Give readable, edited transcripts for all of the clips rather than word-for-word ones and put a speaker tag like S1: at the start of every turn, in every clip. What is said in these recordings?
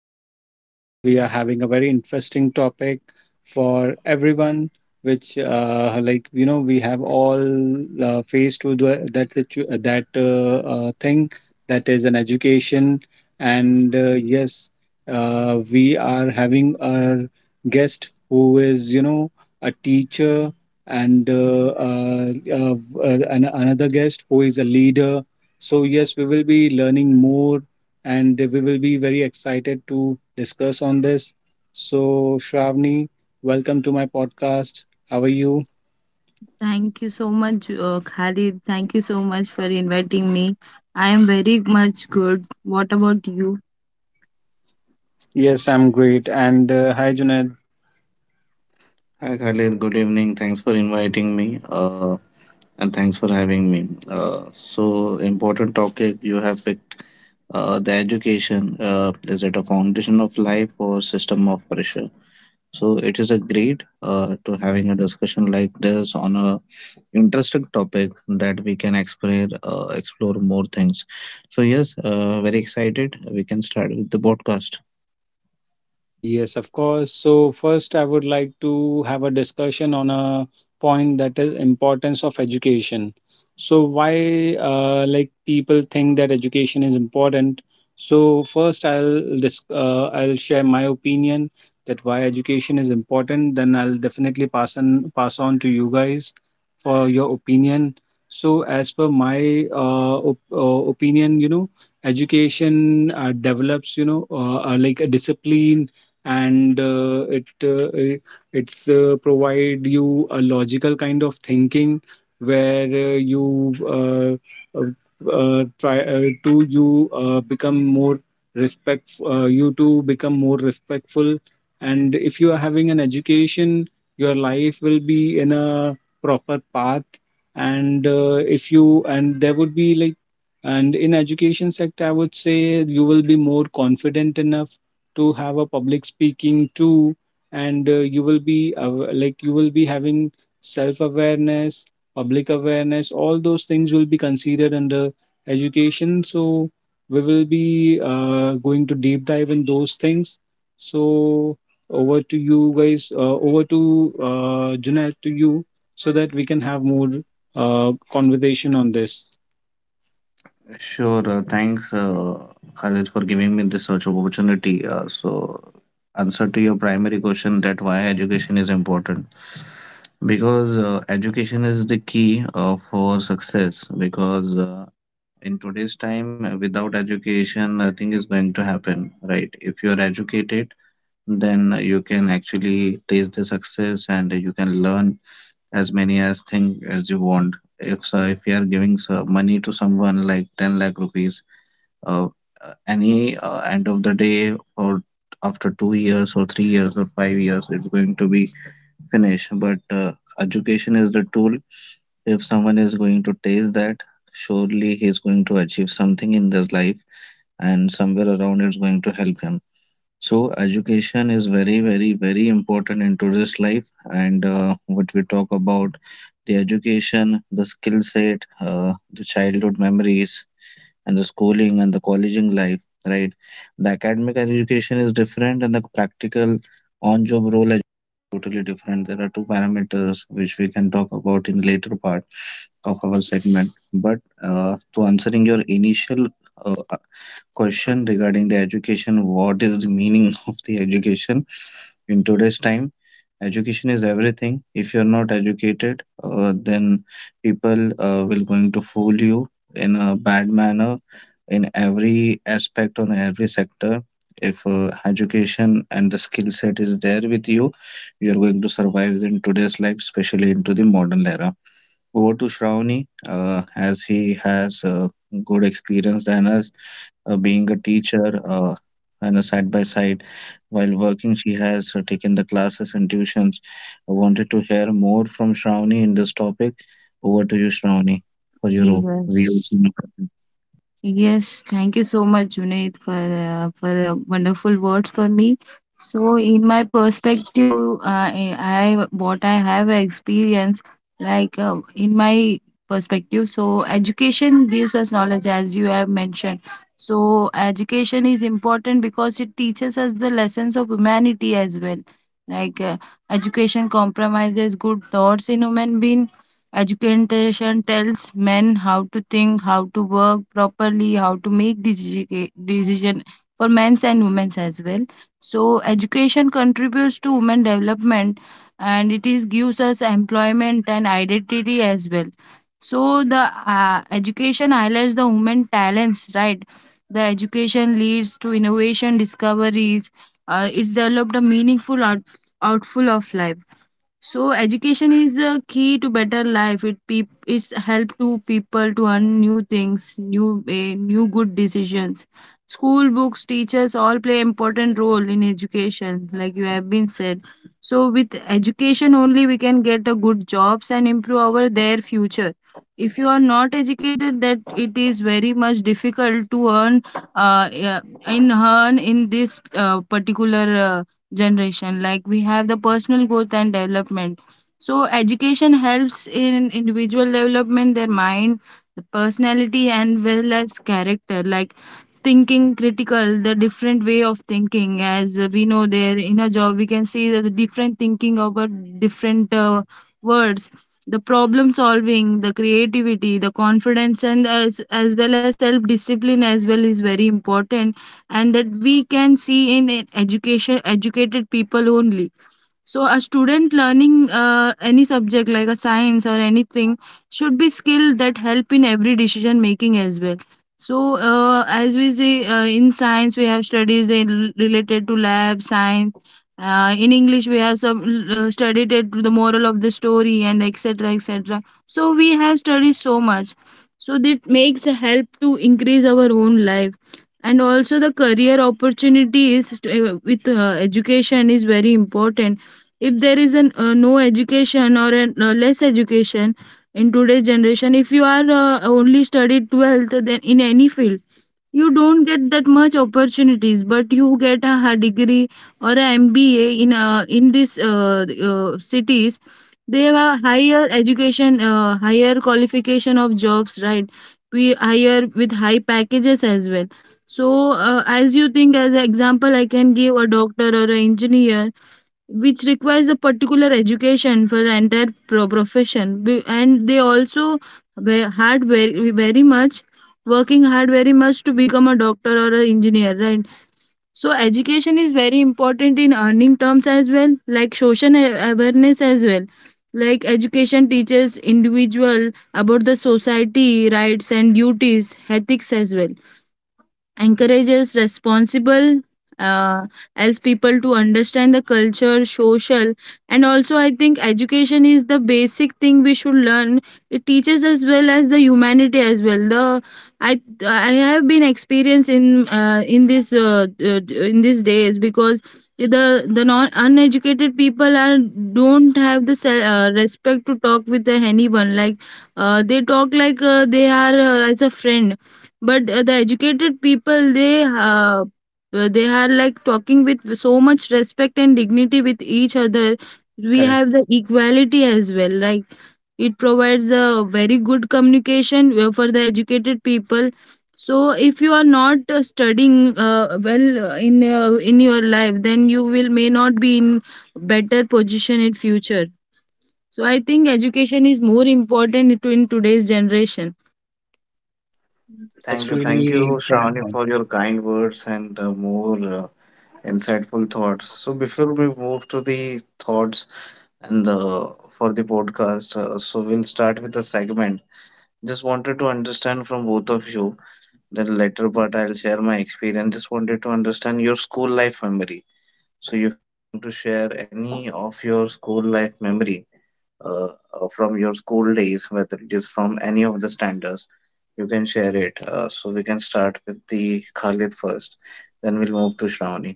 S1: And today we are having a very interesting topic for everyone, which we have all faced with the- that situ- that thing that is an education. And yes, we are having our guest who is a teacher and uh, another guest who is a leader. So, yes, we will be learning more and we will be very excited to discuss on this. So, Shravani, welcome to my podcast. How are you?
S2: Thank you so much, Khalid. Thank you so much for inviting me. I am very much good. What about you?
S1: Yes, I'm great. And hi, Junaid.
S3: Hi Khalid, good evening. Thanks for inviting me, and thanks for having me. So important topic you have picked. The education is it a foundation of life or system of pressure? So it is a great to having a discussion like this on a interesting topic that we can explore explore more things. So yes, very excited. We can start with the podcast.
S1: Yes, of course. So first, I would like to have a discussion on a point that is importance of education. So why people think that education is important. So first, I'll share my opinion that why education is important. Then I'll definitely pass on to you guys for your opinion. So as per my op opinion, you know, education develops, a discipline and it's provide you a logical kind of thinking where you try to you become more respect you to become more respectful. And if you are having an education, your life will be in a proper path. And if you and there would be like and in education sector, I would say you will be more confident enough to have a public speaking too. And you will be you will be having self awareness, public awareness, all those things will be considered under education. So we will be going to deep dive in those things. So over to you guys, over to Junaid, to you, so that we can have more conversation on this.
S3: Sure. Thanks, Khalid, for giving me this such opportunity. So, answer to your primary question that why education is important. Because education is the key for success. Because in today's time, without education, nothing is going to happen, right? If you are educated, then you can actually taste the success and you can learn as many as thing as you want. If you are giving money to someone like 10 lakh rupees uh, any end of the day or after 2 years or 3 years or 5 years it's going to be finished but education is the tool. If someone is going to taste that, surely he's going to achieve something in their life, and somewhere around it's going to help him. So education is very, very, very important into this life, and what we talk about the education, the skill set, the childhood memories and the schooling and the colleging life, right? The academic education is different and the practical on job role is totally different. There are two parameters which we can talk about in later part of our segment. But to answering your initial uh, question regarding the education, what is the meaning of the education in today's time? Education is everything. If you're not educated, then people will going to fool you in a bad manner, in every aspect on every sector. If education and the skill set is there with you, you are going to survive in today's life, especially into the modern era. Over to Shravani, as he has good experience than us, being a teacher, and a side by side while working she has taken the classes and tuitions. I wanted to hear more from Shravani in this topic. Over to you, Shravani, for your
S2: Yes.
S3: views.
S2: Yes, thank you so much, Junaid, for the wonderful words for me. So, in my perspective, what I have experienced, like in my perspective, so education gives us knowledge, as you have mentioned. So, education is important because it teaches us the lessons of humanity as well. Like uh, Education compromises good thoughts in human being. Education tells men how to think, how to work properly, how to make decision for men's and women's as well. So education contributes to women development, and it is gives us employment and identity as well. So the education highlights the women talents, right? The education leads to innovation, discoveries. It's developed a outful of life. So education is a key to better life. It peop it's help to people to earn new things, new good decisions. School books, teachers all play important role in education, like you have been said. So with education only we can get a good jobs and improve our their future. If you are not educated, that it is very much difficult to earn, uh, eh, in earn in this particular generation. Like we have the personal growth and development, so education helps in individual development, their mind, the personality and well as character, like thinking critical, the different way of thinking. As we know, there in a job we can see that the different thinking about different words, the problem solving, the creativity, the confidence, and as well as self discipline as well is very important, and that we can see in it education educated people only. So a student learning any subject like a science or anything should be skilled that help in every decision making as well. So as we say, in science we have studies related to lab science. In English we have some studied it to the moral of the story and etc etc. So we have studied so much. So that makes a help to increase our own life, and also the career opportunities with education is very important. If there is an no education or an, less education in today's generation, if you are only studied 12th, then in any field you don't get that much opportunities, but you get a degree or a mba in this cities. They have a higher education, higher qualification of jobs, right? We hire with high packages as well. So as you think, as an example, I can give a doctor or an engineer, which requires a particular education for the entire profession. And they also ve- hard very, very much working hard very much to become a doctor or an engineer, right? So education is very important in earning terms as well, like social awareness as well. Like education teaches individual about the society rights and duties, ethics as well, encourages responsible, uh, helps people to understand the culture, social. And also I think education is the basic thing we should learn. It teaches as well as the humanity as well. The i i have been experienced in this in these days, because the the non uneducated people are don't have the respect to talk with the anyone. Like they talk like they are as a friend, but the educated people, they are like talking with so much respect and dignity with each other. We
S1: Correct.
S2: have the equality as well, like, it provides a very good communication for the educated people. So if you are not studying well in your life, then you will may not be in better position in future. So I think education is more important to in today's generation.
S1: That's
S3: Thank
S1: really
S3: you,
S1: correct.
S3: Shravani, for your kind words and more insightful thoughts. So, before we move to the thoughts and the for the podcast, so we'll start with the segment. Just wanted to understand from both of you. The later part, I'll share my experience. Just wanted to understand your school life memory. So, you want to share any of your school life memory, uh, from your school days, whether it is from any of the standards, you can share it. So we can start with the Khalid first, then we'll move to Shravani.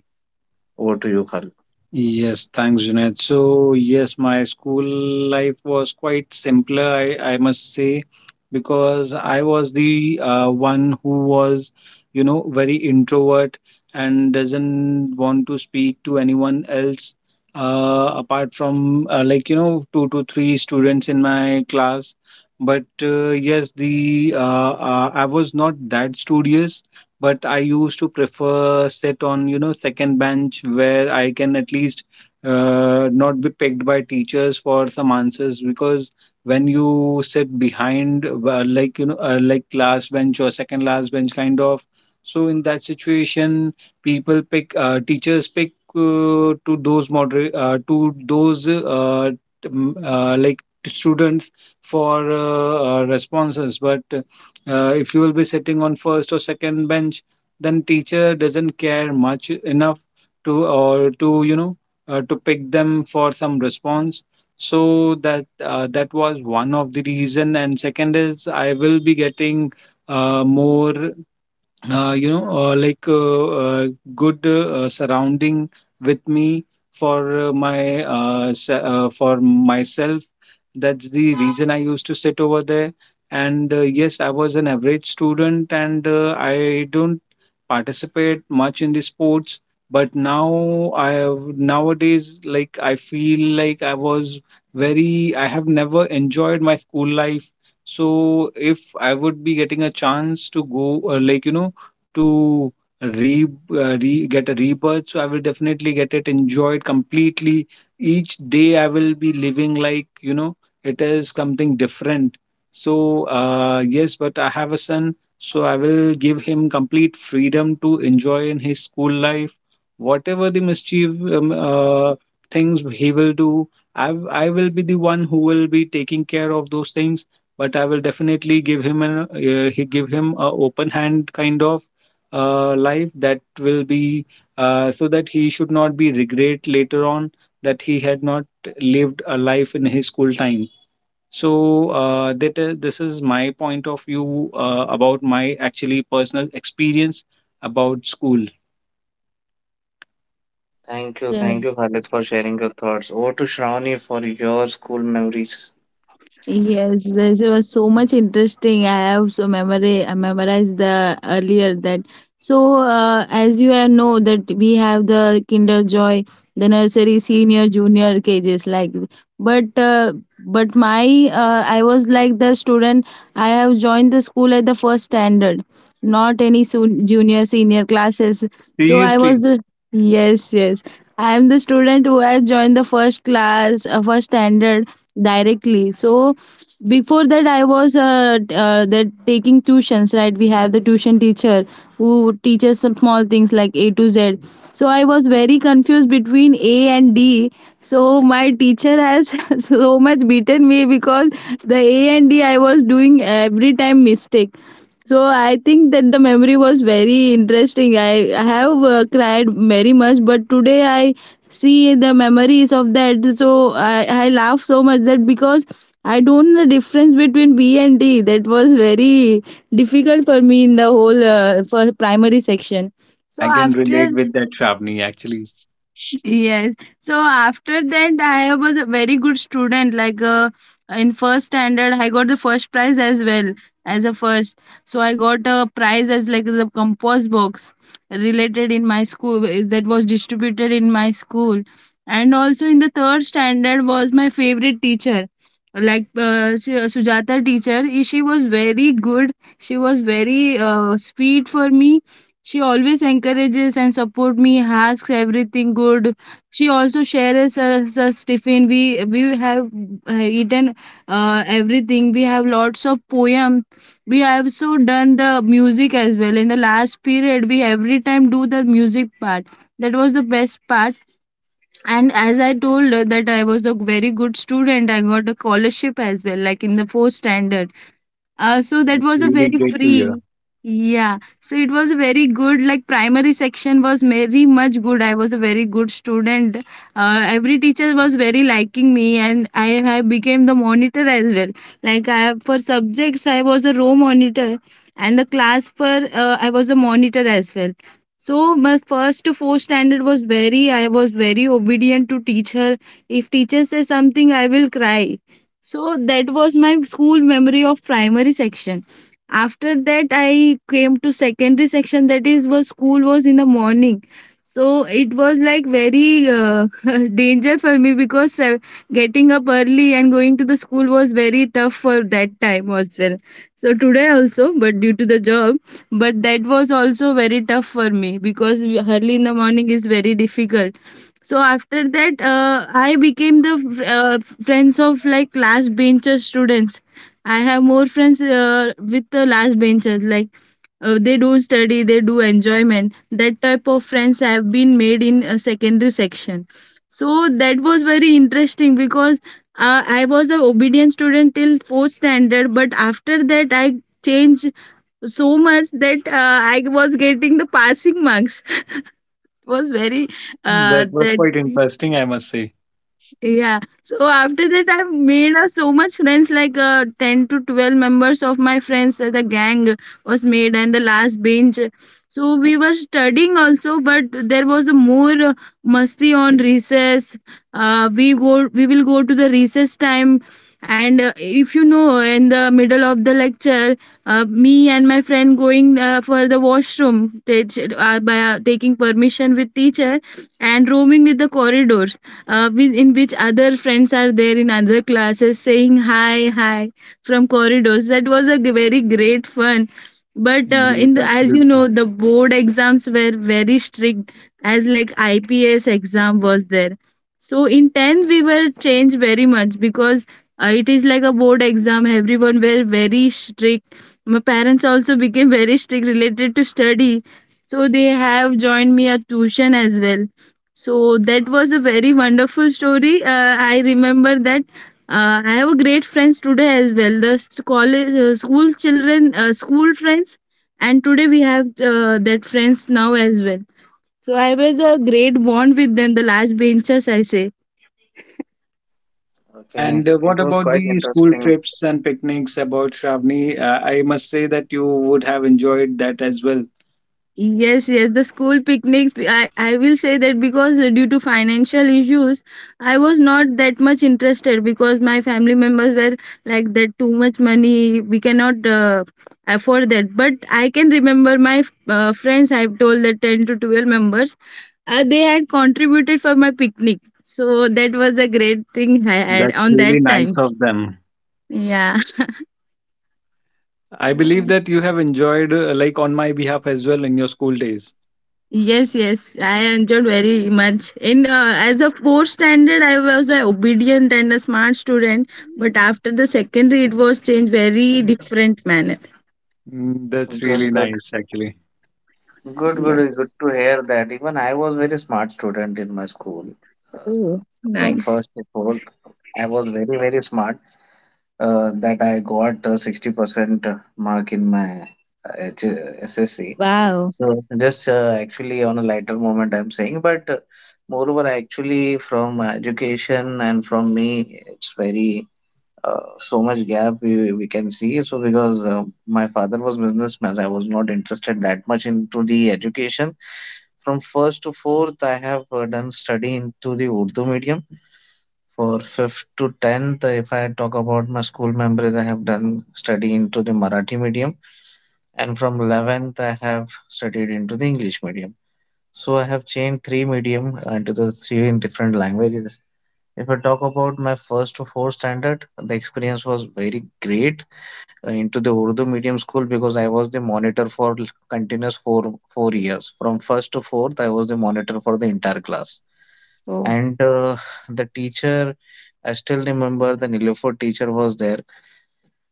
S3: Over to you, Khalid.
S1: Yes, thanks, Junaid. So, yes, my school life was quite simpler, I must say, because I was the one who was, you know, very introvert and doesn't want to speak to anyone else apart from, two to three students in my class. But yes, the I was not that studious, but I used to prefer sit on, you know, second bench where I can at least not be picked by teachers for some answers. Because when you sit behind, last bench or second last bench kind of, so in that situation, people pick teachers pick to those moderate to those t- m- like students for responses. But if you will be sitting on first or second bench, then teacher doesn't care much enough to, or to you know to pick them for some response. So that was one of the reason, and second is I will be getting more you know like good surrounding with me for for myself. That's the reason I used to sit over there. And yes, I was an average student, and I don't participate much in the sports. But now I have nowadays, like, I feel like I was very, I have never enjoyed my school life. So if I would be getting a chance to go, like, you know, to re, re get a rebirth, so I will definitely get it enjoyed completely. Each day I will be living like, you know, it is something different. So yes, but I have a son, so I will give him complete freedom to enjoy in his school life, whatever the mischief um, uh, things he will do. I will be the one who will be taking care of those things. But I will definitely give him an he give him a open hand kind of life that will be so that he should not be regret later on that he had not lived a life in his school time. So this is my point of view about my actually personal experience about school.
S3: Thank
S2: Yes.
S3: you, Khalid, for sharing your thoughts. Over to Shravani for your school memories.
S2: Yes, yes, was so much interesting. I have so memory, I memorized the earlier that. So, as you all know that we have the Kinder Joy, the nursery, senior, junior cages like. But uh, but my I was like the student. I have joined the school at the first standard, not any soon junior, senior classes. So I was
S1: Seriously,
S2: yes, yes. I am the student who has joined the first class, first standard directly. So before that I was that taking tuitions, right? We had the tuition teacher who teaches some small things like A to Z. So I was very confused between A and D. So my teacher has so much beaten me because the A and D I was doing every time mistake. So I think that the memory was very interesting. I have cried very much, but today I see the memories of that, so I laugh so much, that because I don't know the difference between B and D. That was very difficult for me in the whole for primary section. So
S1: I can
S2: after.
S1: relate with that, Shravani, actually.
S2: Yes. So after that, I was a very good student. In first standard, I got the first prize as well as a first. So I got a prize as like the compost box related in my school, that was distributed in my school. And also in the third standard was my favorite teacher, like Sujata teacher. She was very good. She was very sweet for me. She always encourages and support me, asks everything good. She also shares us Tiffin. We have eaten everything. We have lots of poem. We have so done the music as well. In the last period, we every time do the music part. That was the best part. And as I told her that I was a very good student, I got a scholarship as well, like in the fourth standard. So that
S1: That's
S2: was a
S1: really
S2: very
S1: great to hear.
S2: free. Yeah. So it was a very good, like primary section was very much good. I was a very good student. Every teacher was very liking me, and I have became the monitor as well. Like I have, for subjects, I was a row monitor, and the class for, I was a monitor as well. So my first to fourth standard was very, I was very obedient to teacher. If teacher says something, I will cry, so that was my school memory of primary section. After that, I came to secondary section. That is was school was in the morning. So it was like very danger for me, because getting up early and going to the school was very tough for that time as well. So today also, but due to the job, but that was also very tough for me because early in the morning is very difficult. So after that, I became the friends of like last bencher students. I have more friends with the last benchers. Like they do study, they do enjoyment. That type of friends have been made in a secondary section. So that was very interesting, because I was a obedient student till fourth standard, but after that I changed so much that I was getting the passing marks. It was very
S1: That was
S2: that.
S1: quite interesting, I must say.
S2: Yeah. So after that, I've made so much friends, like 10 to 12 members of my friends. The gang was made and the last bench. So we were studying also, but there was a more musty on recess. We go, we will go to the recess time. And if you know, in the middle of the lecture, me and my friend going for the washroom, they, by taking permission with teacher and roaming with the corridor, in which other friends are there in other classes saying hi, hi from corridors. That was a very great fun. But
S1: Yes,
S2: as you
S1: absolutely.
S2: know, the board exams were very strict, as like IPS exam was there. So in tenth we were changed very much, because it is like a board exam. Everyone were very strict. My parents also became very strict related to study. So they have joined me a tuition as well. So that was a very wonderful story. I remember that I have a great friends today as well. The college, school children, school friends, and today we have that friends now as well. So I was a great bond with them, the last benches, I say.
S3: Okay,
S1: And
S3: it
S1: what
S3: was
S1: about
S3: quite
S1: the school
S3: interesting.
S1: trips and picnics about Shravani? I must say that you would have enjoyed that as well.
S2: Yes, yes, the school picnics. I will say that because due to financial issues, I was not that much interested because my family members were like that too much money, we cannot afford that. But I can remember my friends, I've told that 10 to 12 members, they had contributed for my picnic. So that was a great thing I had
S1: That's
S2: on
S1: really
S2: that
S1: nice
S2: times.
S1: of them.
S2: Yeah.
S1: I
S3: Mm,
S1: believe that you have enjoyed, on my behalf as well, in your school days.
S2: Yes, yes, I enjoyed very much. In as a fourth standard, I was a obedient and a smart student, but after the secondary, it was changed very
S1: Mm,
S2: different manner.
S1: mm, that's
S3: good,
S1: really
S3: good,
S1: nice, actually.
S3: good, good
S2: Yes.
S3: to hear that. Even I was very smart student in my school. Uh,
S2: Oh,
S3: from
S2: nice.
S3: first to fourth, I was very, very smart, that I got 60% mark in my uh, H- SSC.
S2: Wow.
S3: So just actually on a lighter moment I'm saying, but moreover actually from education and from me it's very so much gap we can see. So because my father was businessman, I was not interested that much into the education. From first to fourth, I have done study into the Urdu medium. For fifth to tenth, if I talk about my school memories, I have done study into the Marathi medium, and from eleventh, I have studied into the English medium. So I have changed three medium into the three in different languages. If I talk about my first to fourth standard, the experience was very great into the Urdu medium school because I was the monitor for continuous 4 4 years. From first to fourth, I was the monitor for the entire class
S2: Oh.
S3: and the teacher. I still remember the Nilofer teacher was there,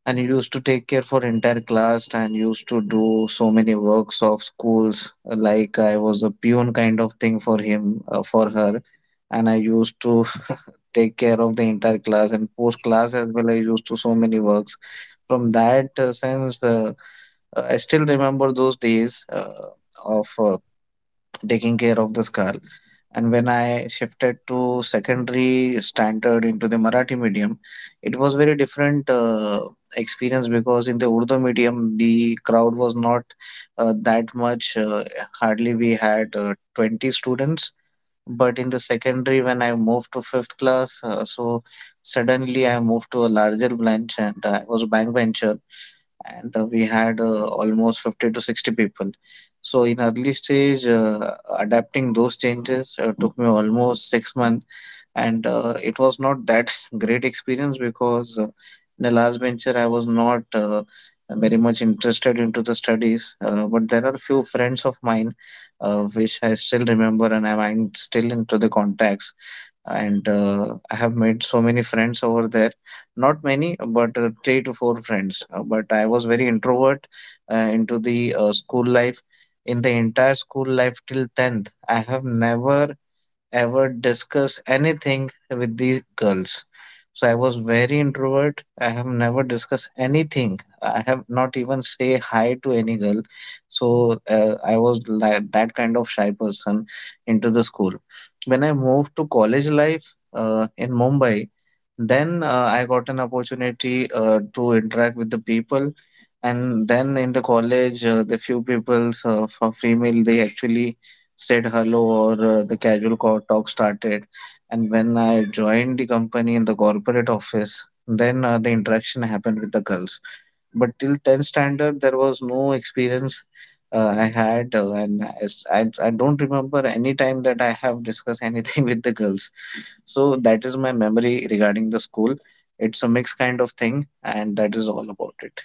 S3: and he used to take care for entire class and used to do so many works of schools, like I was a peon kind of thing for him, for her, and I used to take care of the entire class and post class as well I used to so many works. From that sense, I still remember those days of taking care of the skull. And when I shifted to secondary standard into the Marathi medium, it was very different experience because in the Urdu medium, the crowd was not that much. Hardly we had 20 students. But in the secondary, when I moved to fifth class, so suddenly I moved to a larger branch and I was a bankbencher and we had almost 50 to 60 people. So in early stage, adapting those changes took me almost 6 months, and it was not that great experience because in the last venture I was not very much interested into the studies. But there are few friends of mine which I still remember, and I am still into the contacts and I have made so many friends over there. Not many, but three to four friends. But I was very introvert into the school life. In the entire school life till 10th, I have never ever discuss anything with the girls. So I was very introvert. I have never discussed anything. I have not even say hi to any girl. So I was like that kind of shy person into the school. When I moved to college life in Mumbai, then I got an opportunity to interact with the people. And then in the college, the few peoples from female, they actually said hello or the casual talk started. And when I joined the company in the corporate office, then the interaction happened with the girls. But till 10th standard, there was no experience I had, and as I don't remember any time that I have discussed anything with the girls. So that is my memory regarding the school. It's a mixed kind of thing, and that is all about it.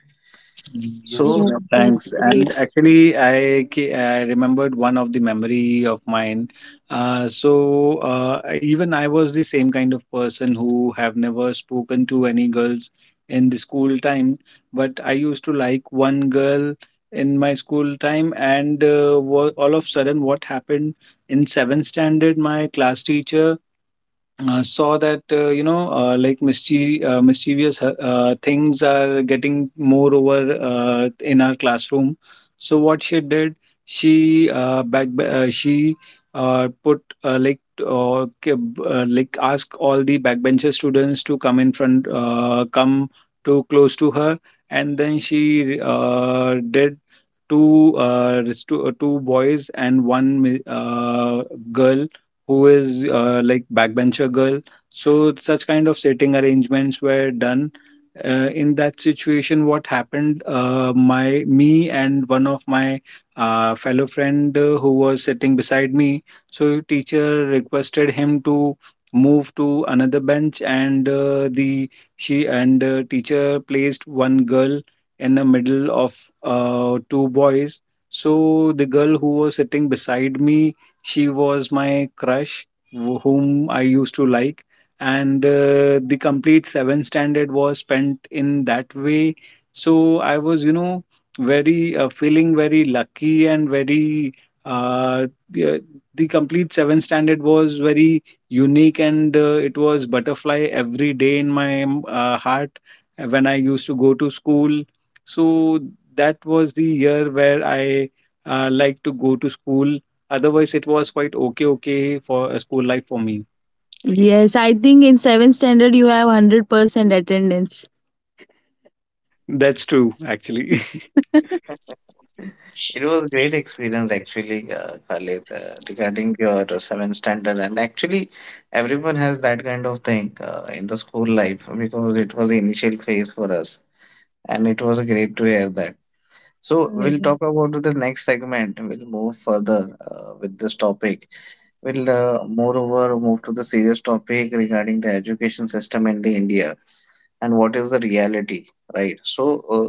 S1: Mm, yes, you
S3: So
S2: Yeah,
S1: know,
S2: that's
S1: thanks.
S2: great.
S1: And actually, I remembered one of the memory of mine. So even I was the same kind of person who have never spoken to any girls in the school time, but I used to like one girl in my school time. And all of sudden, what happened in seventh standard, my class teacher saw that mischievous things are getting more over in our classroom. So what she did, she put like k- b- like ask all the backbencher students to come in front, come too close to her. And then she did two res- two, two boys and girl who is backbencher girl. So such kind of setting arrangements were done. In that situation, what happened? My me and one of my fellow friend who was sitting beside me. So teacher requested him to move to another bench. And the she and teacher placed one girl in the middle of two boys. So the girl who was sitting beside me, she was my crush, whom I used to like. And the complete seventh standard was spent in that way. So I was, you know, very feeling very lucky and uh, the, the complete seventh standard was very unique, and it was butterfly every day in my heart when I used to go to school. So that was the year where I liked to go to school. Otherwise, it was quite okay for a school life for me.
S2: Yes, I think in seventh standard you have 100% attendance.
S1: That's true, actually.
S3: it was a great experience actually, Khalid, regarding your seventh standard. And actually, everyone has that kind of thing in the school life because it was the initial phase for us, and it was a great to hear that. So we'll talk about the next segment. We'll move further with this topic. We'll moreover move to the serious topic regarding the education system in the India and what is the reality, right? So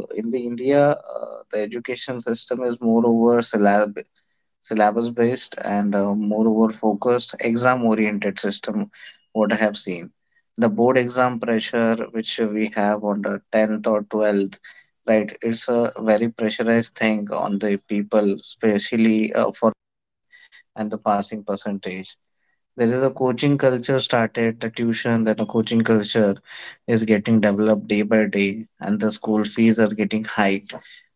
S3: in the India, the education system is moreover syllabus based and moreover focused exam oriented system. What I have seen, the board exam pressure which we have on the 10th or 12th. Right, it's a very pressurized thing on the people, especially for and the passing percentage. There is a coaching culture started, the tuition, then the coaching culture is getting developed day by day, and the school fees are getting hiked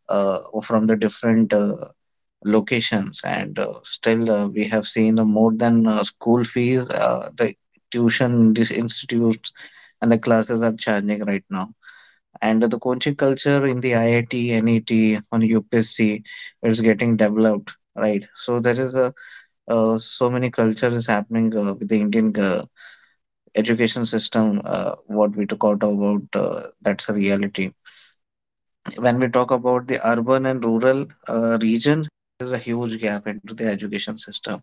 S3: from the different locations, and still we have seen the more than school fees, the tuition these institutes and the classes are charging right now. And the coaching culture in the IIT NET on UPSC, it's getting developed, right? So there is a so many cultures happening with the Indian education system, what we took out about, that's a reality. When we talk about the urban and rural region, there's a huge gap into the education system.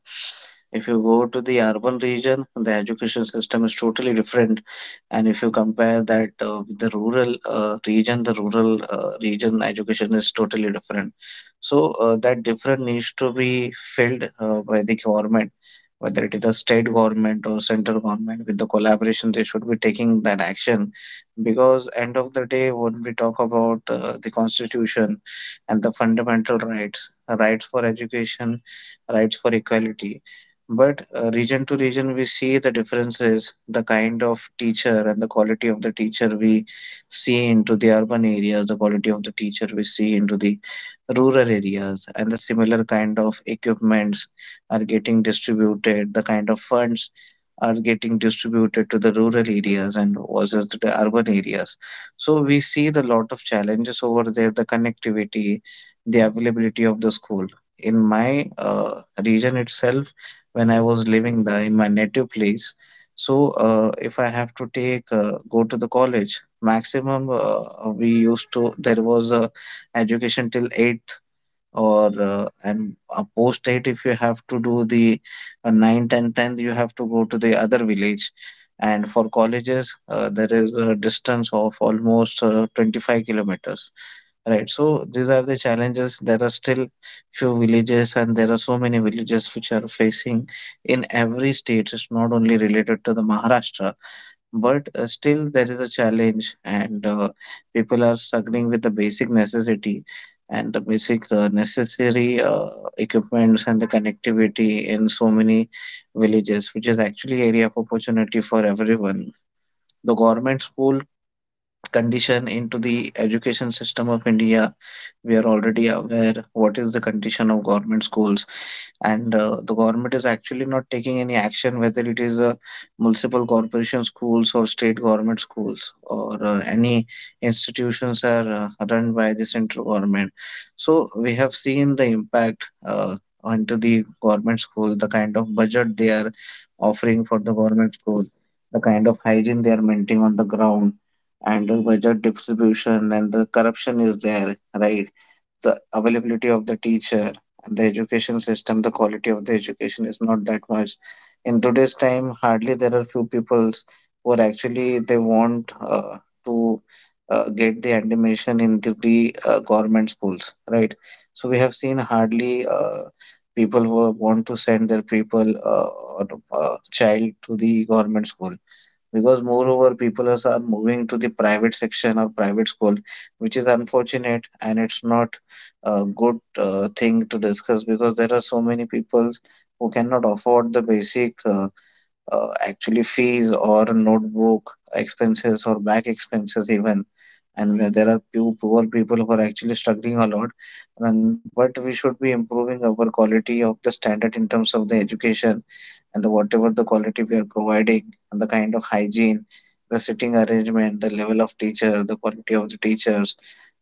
S3: If you go to the urban region, the education system is totally different. And if you compare that with the rural region, the rural region education is totally different. So that difference needs to be filled by the government, whether it is the state government or central government. With the collaboration, they should be taking that action, because end of the day when we talk about the constitution and the fundamental rights for education, rights for equality. But region to region we see the differences, the kind of teacher and the quality of the teacher we see into the urban areas, the quality of the teacher we see into the rural areas, and the similar kind of equipments are getting distributed, the kind of funds are getting distributed to the rural areas and versus the urban areas. So we see the lot of challenges over there, the connectivity, the availability of the school. In my region itself, when I was living there in my native place, if I have to take go to the college, maximum we used to there was a education till eighth or and post 8. If you have to do the 9 tenth, you have to go to the other village, and for colleges there is a distance of almost 25 kilometers, right? So these are the challenges. There are still few villages, and there are so many villages which are facing, in every state. It's not only related to the maharashtra, but still there is a challenge, and people are struggling with the basic necessity and the basic necessary equipments and the connectivity in so many villages, which is actually area of opportunity for everyone. The government school condition into the education system of India. We are already aware what is the condition of government schools, and the government is actually not taking any action, whether it is a multiple corporation schools or state government schools or any institutions are run by the central government. So we have seen the impact. Onto the government school, the kind of budget they are offering for the government school, the kind of hygiene they are maintaining on the ground, and the budget distribution and the corruption is there, right? The availability of the teacher and the education system, the quality of the education is not that much. In today's time, hardly there are few peoples who are actually they want to get the admission in the government schools, right? So we have seen hardly people who want to send their people or child to the government school, because moreover people are moving to the private section or private school, which is unfortunate, and it's not a good thing to discuss, because there are so many people who cannot afford the basic actually fees or notebook expenses or back expenses even, and where there are few poor people who are actually struggling a lot. Then but we should be improving our quality of the standard in terms of the education, and the whatever the quality we are providing, and the kind of hygiene, the sitting arrangement, the level of teacher, the quality of the teachers,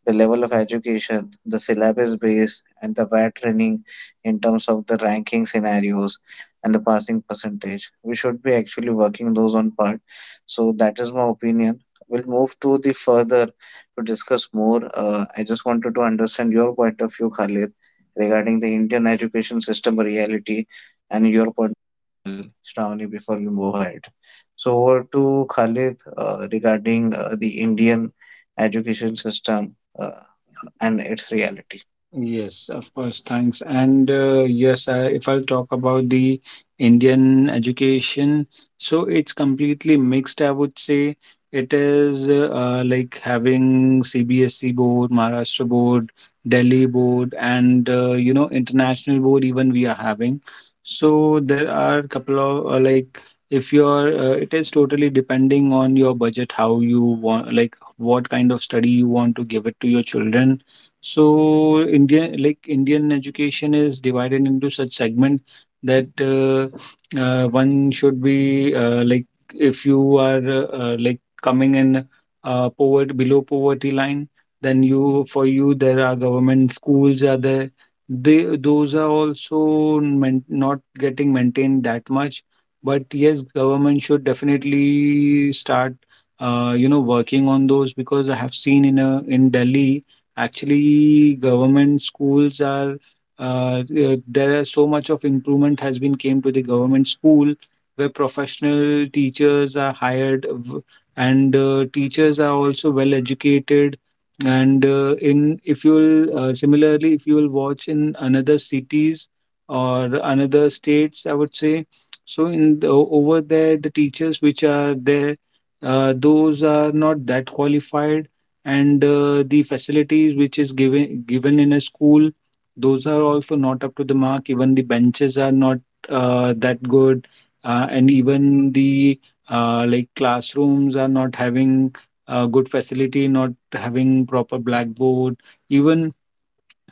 S3: the level of education, the syllabus base and the rat training in terms of the ranking scenarios and the passing percentage. We should be actually working those on part. So that is my opinion. We'll move to the further to discuss more. I just wanted to understand your point of view, Khalid, regarding the Indian education system reality, and your point of view, Shravani, before we move ahead. So over to Khalid, regarding the Indian education system uh, and its reality.
S1: Yes, of course. Thanks. And yes, I, if I'll talk about the Indian education, so it's completely mixed, I would say. It is having CBSE board, Maharashtra board, Delhi board, and you know, international board, even we are having. So there are a couple of like if you're, it is totally depending on your budget, how you want, like what kind of study you want to give it to your children. So Indian, like Indian education is divided into such segment that one should be if you are coming in poverty, below poverty line, then you, for you there are government schools are there. They, those are also man, not getting maintained that much, but yes, government should definitely start working on those. Because I have seen in a, in Delhi, actually, government schools are there are so much of improvement has been came to the government school, where professional teachers are hired and teachers are also well educated. And in if you'll similarly, if you will watch in another cities or another states, I would say, so in the, over there the teachers which are there, those are not that qualified. And the facilities which is given in a school, those are also not up to the mark. Even the benches are not that good. And even the classrooms are not having good facility, not having proper blackboard even.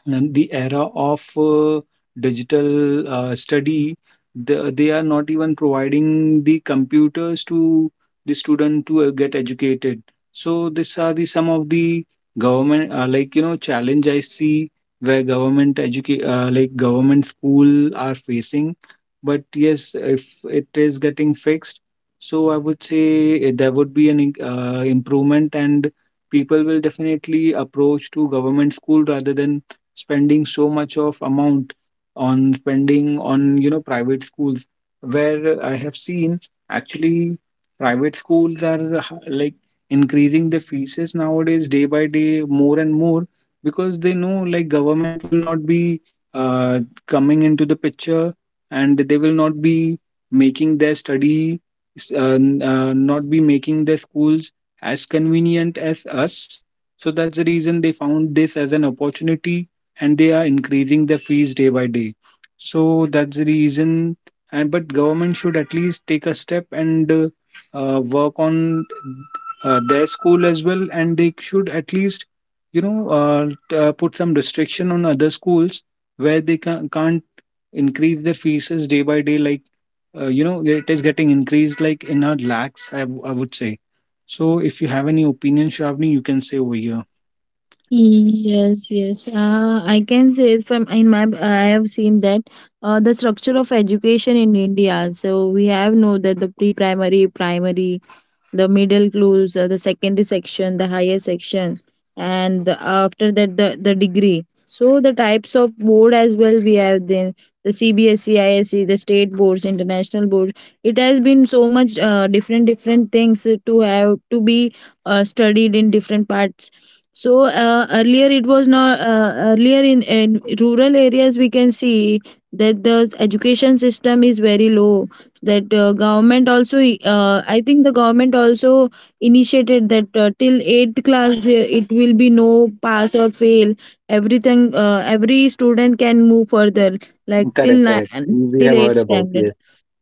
S1: And the era of digital study, the, they are not even providing the computers to the student to get educated. So these are the some of the government challenge I see, where government educate like government school are facing. But yes, if it is getting fixed, so I would say there would be an improvement, and people will definitely approach to government school rather than spending so much of amount on, spending on, you know, private schools, where I have seen. Actually, private schools are increasing the fees nowadays day by day more and more, because they know, like, government will not be uh, coming into the picture, and they will not be making their study, not be making their schools as convenient as us. So that's the reason they found this as an opportunity, and they are increasing their fees day by day. So that's the reason. And but government should at least take a step and work on their school as well, and they should at least put some restriction on other schools where they can't increase their fees as day by day like it is getting increased like in our lakhs I would say. So if you have any opinion, Shravani, you can say over here.
S2: Yes, yes. I can say it from in my I have seen that the structure of education in India. So we have know that the pre-primary, primary, the middle clues, the secondary section, the higher section, and the, after that the degree. So the types of board as well we have then the CBSE, ISE, the state boards, international boards. It has been so much different different things to have to be studied in different parts, so earlier it was not earlier in rural areas we can see that the education system is very low. That government also, I think the government also initiated that till eighth class there it will be no pass or fail. Everything, every student can move further like till
S1: Correct, correct.
S2: nine,
S1: We
S2: till
S1: have
S2: eighth
S1: heard about.
S2: standard.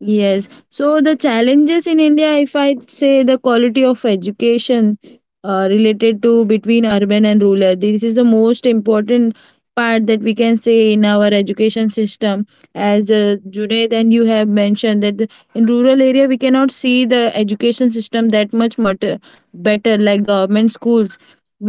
S2: Yes. So the challenges in India, if I say the quality of education related to between urban and rural, this is the most important part that we can say in our education system, as Junaid and you have mentioned that the- in rural area we cannot see the education system that much much better. Like government schools,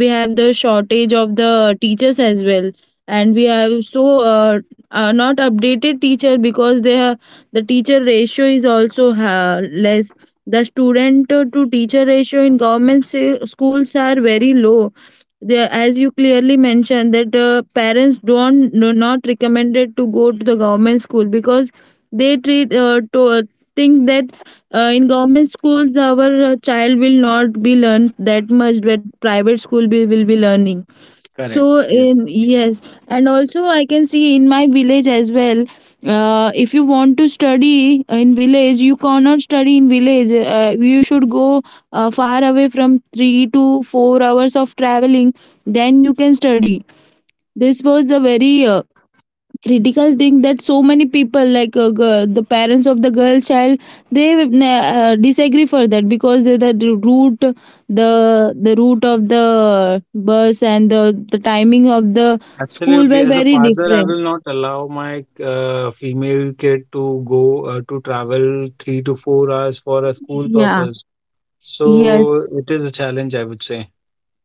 S2: we have the shortage of the teachers as well, and we have so uh, not updated teacher because they are, the teacher ratio is also ha less, the student to teacher ratio in government sa- schools are very low. They, as you clearly mentioned, that parents don't no, not recommended to go to the government school because they treat to think that in government schools our child will not be learned that much, but private school be, will be learning.
S1: Correct.
S2: So
S1: Yes.
S2: in, yes, and also I can see in my village as well. If you want to study in village, you cannot study in village. You should go far away from 3 to 4 hours of traveling. Then you can study. This was a very critical thing that so many people like the parents of the girl child, they disagree for that because the route, the route of the bus and the timing of the school
S1: Absolutely.
S2: were
S1: As a
S2: very
S1: father, I
S2: different.
S1: will not allow my female kid to go to travel 3 to 4 hours for a school
S2: Yeah.
S1: purpose.
S2: Yes.
S1: So it is a challenge, I would say.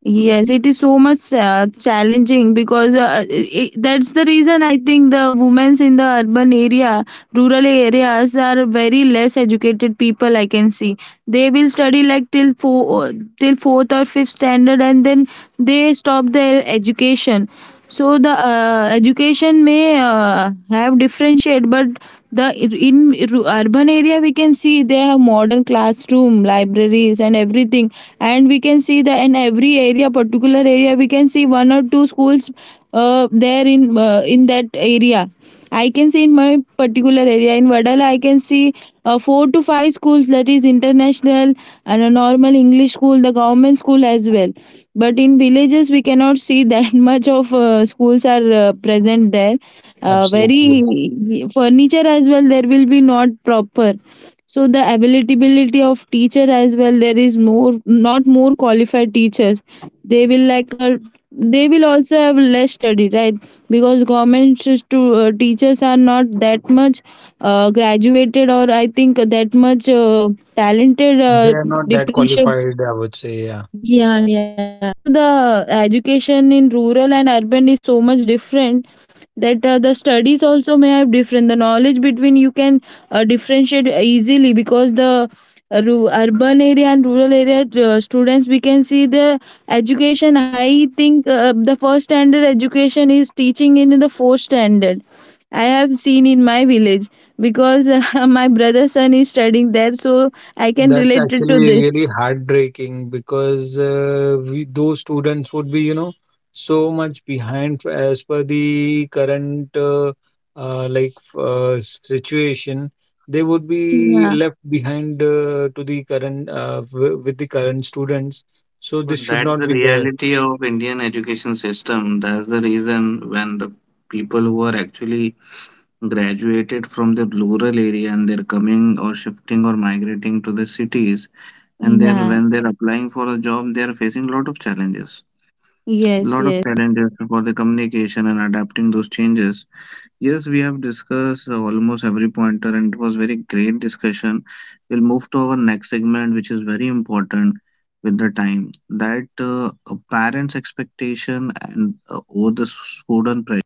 S2: Yes, it is so much challenging because I that's the reason I think the women's in the urban area, rural areas are very less educated people. I can see they will study like till four, till fourth or fifth standard, and then they stop their education, so the education may have differentiate, but the in urban area we can see they have modern classroom libraries and everything, and we can see that in every area, particular area we can see one or two schools there in that area. I can see in my particular area in Vadala, I can see four to five schools that is international and a normal English school, the government school as well. But in villages, we cannot see that much of schools are present there.
S1: Absolutely.
S2: Very furniture as well, there will be not proper. So the availability of teacher as well, there is more, not more qualified teachers. They will like a, they will also have less study, right? Because government stu- teachers are not that much graduated, or I think that much talented,
S1: They are not that
S2: differentiate.
S1: qualified, I would say. Yeah.
S2: Yeah, yeah, so the education in rural and urban is so much different that the studies also may have different, the knowledge between, you can differentiate easily because the ru- urban area and rural area students, we can see the education, I think the first standard education is teaching in the fourth standard. I have seen in my village because my brother's son is studying there, so I can
S1: That's
S2: relate it to
S1: actually
S2: this.
S1: really heartbreaking because we, those students would be, you know, so much behind as per the current situation. They would be
S2: Yeah,
S1: left behind to the current w with the current students. So this
S3: But
S1: should
S3: that's
S1: not
S3: the
S1: be there.
S3: reality of Indian education system. That's the reason, when the people who are actually graduated from the rural area, and they're coming or shifting or migrating to the cities, and they're
S2: yeah.
S3: when they're applying for a job, they are facing a lot of challenges.
S2: Yes,
S3: Lot of
S2: yes.
S3: challenges for the communication and adapting those changes. Yes, we have discussed almost every pointer, and it was very great discussion. We'll move to our next segment, which is very important with the time, that a parent's expectation and over the student pressure.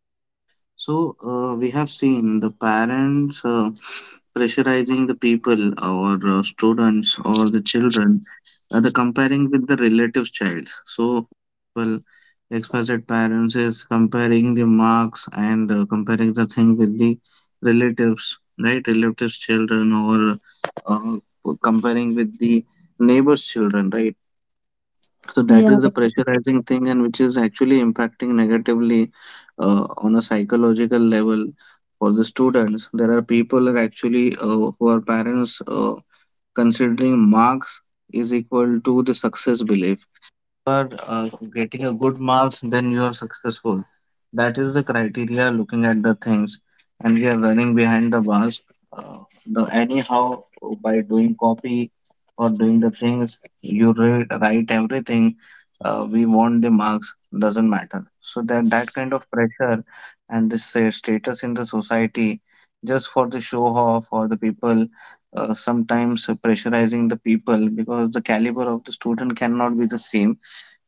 S3: So, we have seen the parents pressurizing the people or students or the children, the comparing with the relatives' child. So, well, XYZ parents is comparing the marks and comparing the thing with the relatives, right? Relatives' children or comparing with the neighbor's children, right? So that
S2: Yeah.
S3: is the pressurizing thing, and which is actually impacting negatively on a psychological level for the students. There are people that actually who are parents considering marks is equal to the success belief. Are getting a good marks, then you are successful. That is the criteria looking at the things, and we are running behind the bars. Uh, the anyhow, by doing copy or doing the things you read, write everything. We want the marks doesn't matter. So that that kind of pressure, and this status in the society, just for the show off, or the people sometimes pressurizing the people, because the caliber of the student cannot be the same.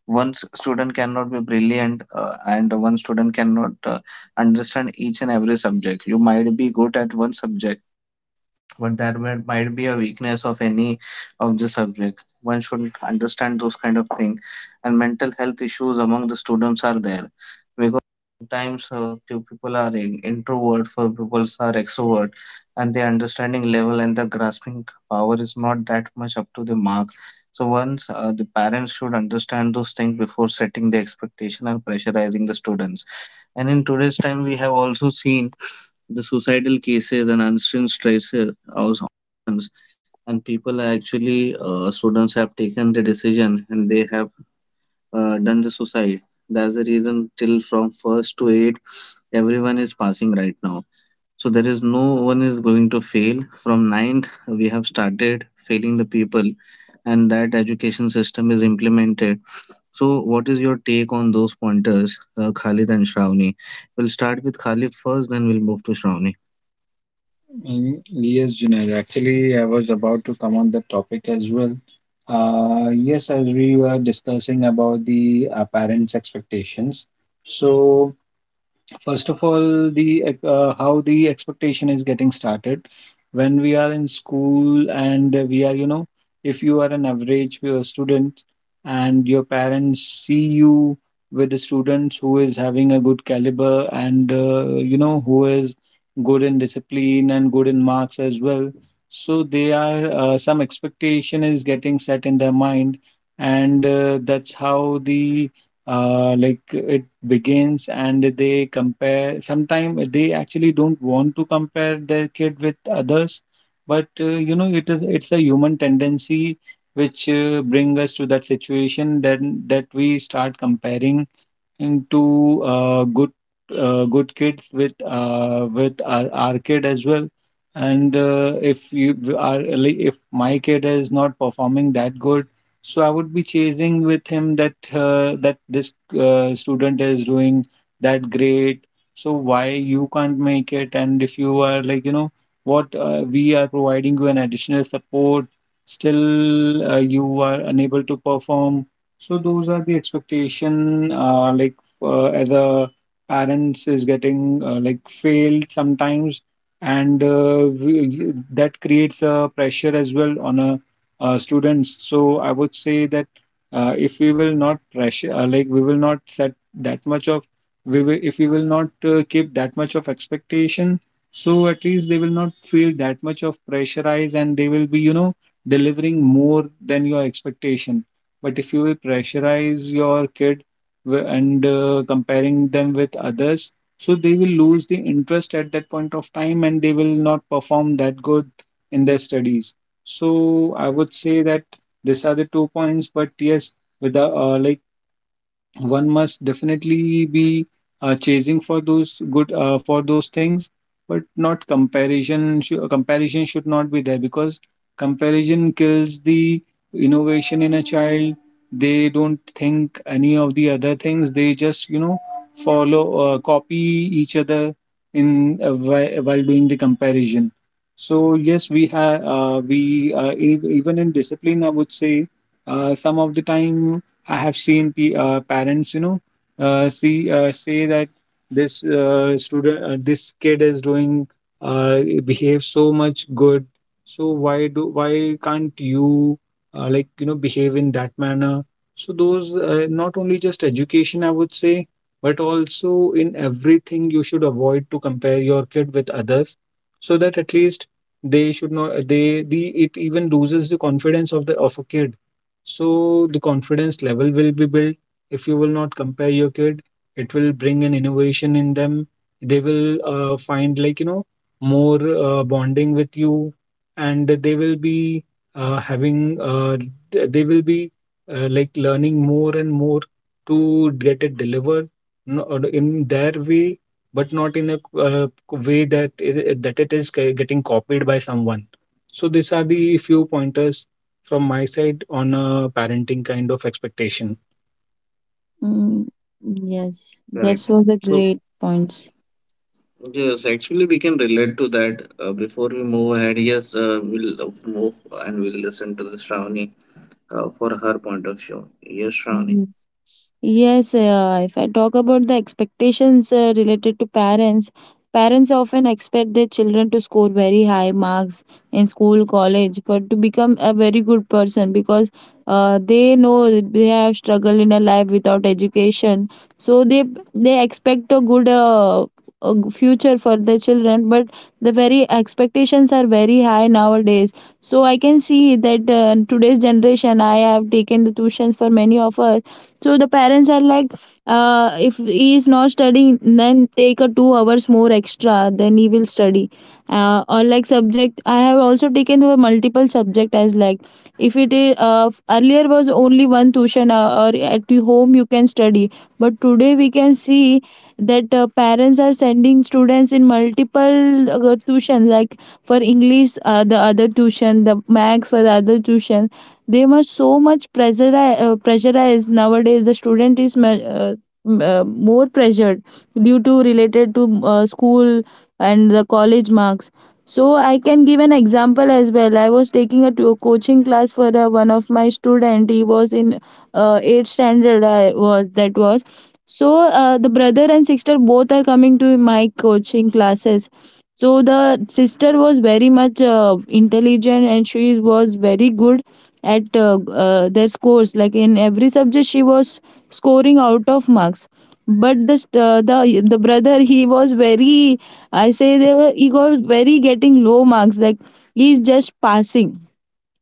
S3: One student cannot be brilliant, and one student cannot understand each and every subject. You might be good at one subject, but that might be a weakness of any of the subject. One should understand those kind of things. And mental health issues among the students are there, because sometimes few people are introvert, for people are extrovert, and the understanding level and the grasping power is not that much up to the mark. So once the parents should understand those things before setting the expectation or pressurizing the students. And in today's time, we have also seen the suicidal cases and unseen stresses on students, and people are actually, students have taken the decision and they have done the suicide. That's the reason till from first to eight everyone is passing right now. So there is no one is going to fail. From ninth we have started failing the people, and that education system is implemented. So what is your take on those pointers, Khalid and Shravani? We'll start with Khalid first, then we'll move to Shravani.
S1: Mm, yes, Junaid. Actually, I was about to come on the topic as well. Yes, as we were discussing about the parents' expectations. So first of all, the how the expectation is getting started when we are in school and we are, you know, if you are an average student and your parents see you with the students who is having a good caliber, and you know who is good in discipline and good in marks as well. So they are some expectation is getting set in their mind, and that's how the like it begins. And they compare sometimes they actually don't want to compare their kid with others, but you know it's a human tendency which bring us to that situation then, that we start comparing into good kids with our kid as well. And if you are like, if my kid is not performing that good, so I would be chasing with him that that this student is doing that great, so why you can't make it? And if you are like, you know what, we are providing you an additional support, still you are unable to perform. So those are the expectation, as a parents is getting failed sometimes, and that creates a pressure as well on a students. So I would say that if we will not pressure, we will not set that much of, we will if we will not keep that much of expectation, so at least they will not feel that much of pressurized, and they will be, you know, delivering more than your expectation. But if you will pressurize your kid, and comparing them with others, so they will lose the interest at that point of time and they will not perform that good in their studies. So I would say that these are the two points. But yes, with the like one must definitely be chasing for those good for those things, but not comparison. Comparison should not be there, because comparison kills the innovation in a child. They don't think any of the other things, they just, you know, follow, copy each other in while doing the comparison. So yes, we even in discipline I would say some of the time I have seen p parents, you know, see say that this student, this kid is uh, behave so much good. So why do, why can't you like you know behave in that manner? So those not only just education, I would say, but also in everything you should avoid to compare your kid with others, so that at least they should not they the it even loses the confidence of the of a kid, so the confidence level will be built. If you will not compare your kid, it will bring an innovation in them. They will find, more bonding with you, and they will be uh, having uh, th- they will be learning more and more to get it delivered in their way, but not in a way that it is getting copied by someone. So these are the few pointers from my side on a parenting kind of expectation.
S2: Mm, yes. That
S3: Correct.
S2: was a
S3: So,
S2: great point.
S3: yes, actually, we can relate to that. Before we move ahead, yes, we'll move and we'll listen to the Shravani for her point of view. Yes, Shravani.
S2: Mhm. Yes, if I talk about the expectations related to parents, parents often expect their children to score very high marks in school, college, for to become a very good person because they know they have struggled in a life without education. So they expect a good, future for their children, but the very expectations are very high nowadays. So I can see that today's generation, I have taken the tuitions for many of us, so the parents are like, if he is not studying then take a 2 hours more extra then he will study, or like subject I have also taken over multiple subject, as like if it is earlier was only one tuition, or at the home you can study, but today we can see that parents are sending students in multiple tuition, like for english, the other tuition, the max for the other tuition, they must so much pressure, pressurized nowadays, the student is more pressured due to related to school and the college marks. So I can give an example as well. I was taking a coaching class for one of my student. He was in uh, 8th standard, I was that was so, the brother and sister both are coming to my coaching classes. So the sister was very much intelligent and she was very good at their scores, like in every subject she was scoring out of marks, but the st- the brother, he was very, I say they were, he got very getting low marks, like he's just passing.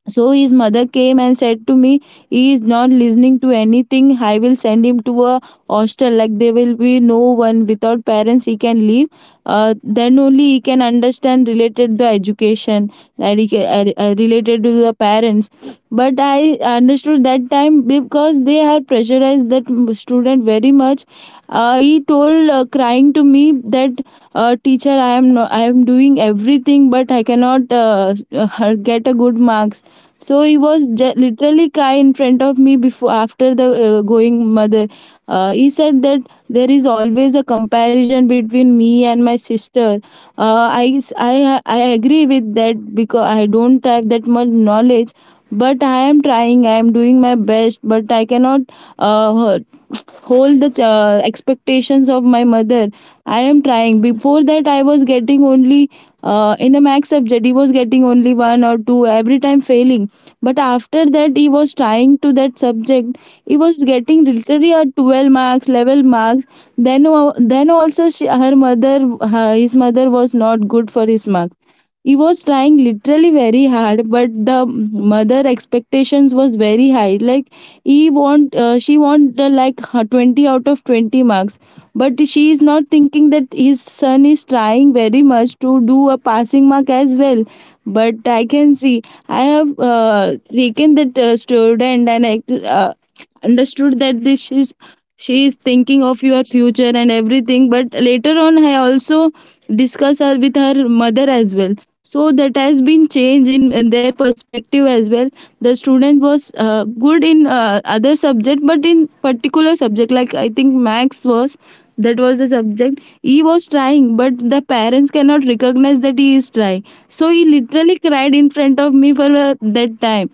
S2: So his mother came and said to me, he is not listening to anything. I will send him to a hostel. Like there will be no one without parents he can leave. Then only he can understand related the education, that he can, related to the parents. But I understood that time because they had pressurized that student very much. He told, crying to me, that teacher I am no, I am doing everything but I cannot get a good marks. So he was literally cry in front of me before, after the going mother, he said that there is always a comparison between me and my sister. I agree with that because I don't have that much knowledge, but I am trying, I am doing my best but I cannot uh, hold the expectations of my mother. I am trying. Before that I was getting only in a max subject, he was getting only one or two, every time failing, but after that he was trying to that subject, he was getting literally a 12 marks level marks. Then then also she, her mother, her, his mother was not good for his marks. He was trying literally very hard, but the mother expectations was very high, like he want, she want, like her 20 out of 20 marks, but she is not thinking that his son is trying very much to do a passing mark as well. But I can see I have taken that student and I, understood that this is, she is thinking of your future and everything, but later on I also discuss her with her mother as well, so that has been changed in their perspective as well. The student was good in other subject, but in particular subject like I think max was, that was the subject he was trying but the parents cannot recognize that he is trying. So he literally cried in front of me for that time.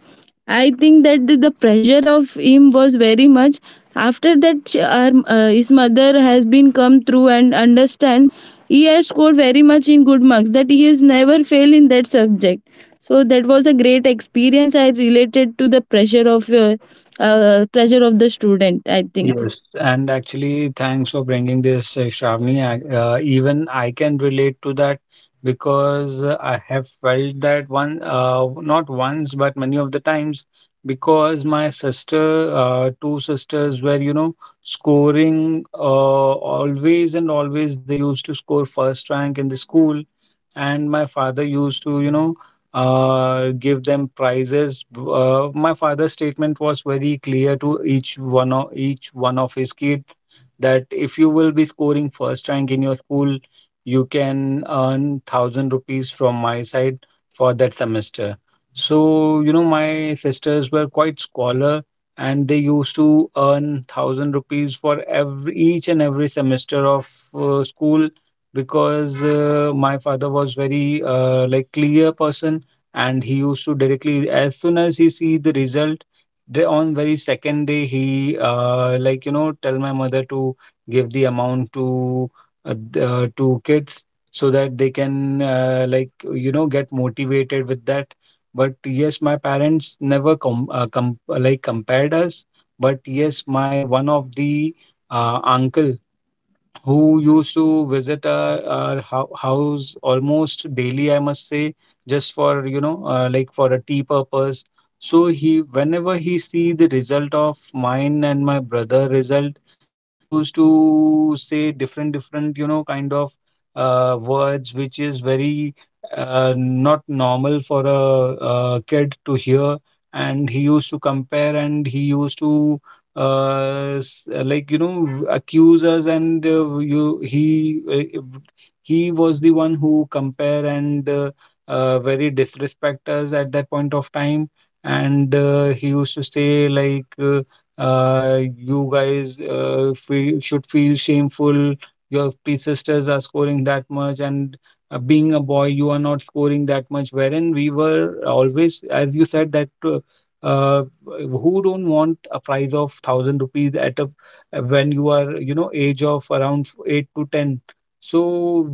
S2: I think that the pressure of him was very much. After that, his mother has been come through and understand. He has scored very much in good marks, that he has never failed in that subject. So that was a great experience, I related to the pressure of pressure of the student, I think.
S1: Yes, and actually, thanks for bringing this, Shravani. Even I can relate to that, because I have felt that not once, but many of the times, because my two sisters were, you know, scoring always and always. They used to score first rank in the school, and my father used to give them prizes. My father's statement was very clear to each one of his kids, that if you will be scoring first rank in your school, you can earn 1,000 rupees from my side for that semester. So my sisters were quite scholar, and they used to earn 1,000 rupees for every each and every semester of school, because my father was very clear person, and he used to directly as soon as he see the result, the on very second day he tell my mother to give the amount to kids, so that they can get motivated with that. But yes, my parents never compared us, but yes, my one of the uncle who used to visit our house almost daily, I must say, just for, you know, like for a tea purpose. So he, whenever he see the result of mine and my brother result, he used to say different, different kind of words, which is very not normal for a kid to hear. And he used to compare, and he used to accuse us, and you he was the one who compare, and very disrespect us at that point of time. And he used to say, like, you guys, should feel shameful, your three sisters are scoring that much, and being a boy you are not scoring that much. Wherein we were always, as you said, that uh, who don't want a price of 1,000 rupees at a when you are age of around 8 to 10. So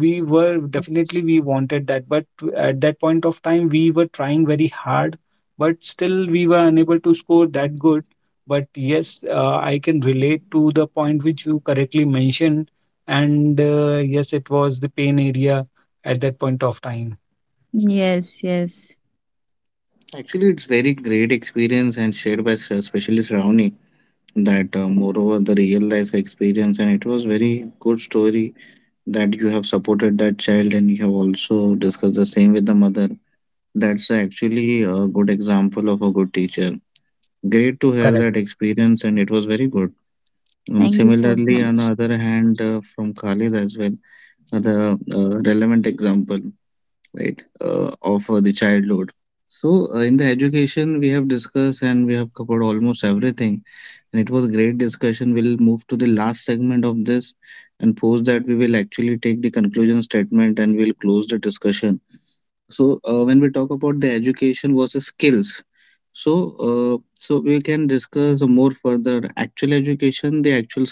S1: we were definitely
S2: Yes.
S1: we wanted that, but at that point of time we were trying very hard, but still we were unable to score that good. But yes, I can relate to the point which you correctly mentioned, and yes, it was the pain area at that point of time.
S2: Yes, yes.
S3: Actually, it's very great experience, and shared by especially Shravani, that moreover the real life experience, and it was very good story that you have supported that child, and you have also discussed the same with the mother. That's actually a good example of a good teacher. Great to hear that
S1: Correct.
S3: experience, and it was very good.
S2: Thank you
S3: Similarly,
S2: so
S3: on the other
S2: much.
S3: hand, from Khalid as well, the relevant example, right, of the child load. So, in the education, we have discussed and we have covered almost everything, and it was a great discussion. We'll move to the last segment of this, and post that we will actually take the conclusion statement and we'll close the discussion. So, when we talk about the education versus skills, so so we can discuss more further actual education, the actual skill.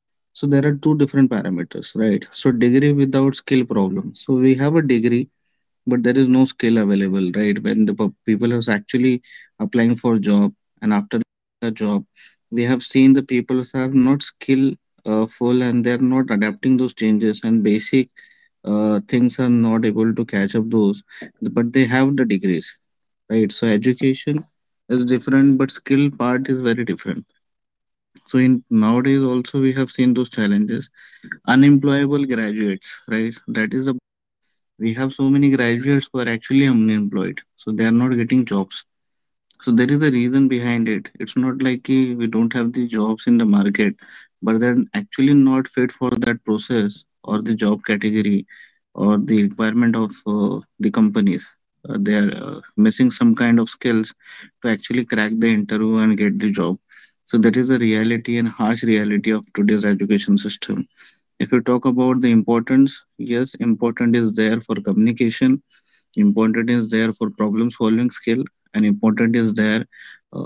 S3: So there are two different parameters, right? So degree without skill problem. So we have a degree, but there is no skill available, right? When the people are actually applying for a job, and after a job, we have seen the people are not skill full and they're not adapting those changes, and basic things are not able to catch up those, but they have the degrees, right? So education is different, but skill part is very different. So in nowadays also we have seen those challenges, unemployable graduates, right? That is a, we have so many graduates who are actually unemployed, so they are not getting jobs. So there is a reason behind it. It's not like we don't have the jobs in the market, but they're actually not fit for that process or the job category or the requirement of the companies. They are missing some kind of skills to actually crack the interview and get the job. So that is the reality and harsh reality of today's education system. If you talk about the importance, yes, important is there for communication, important is there for problem solving skill, and important is there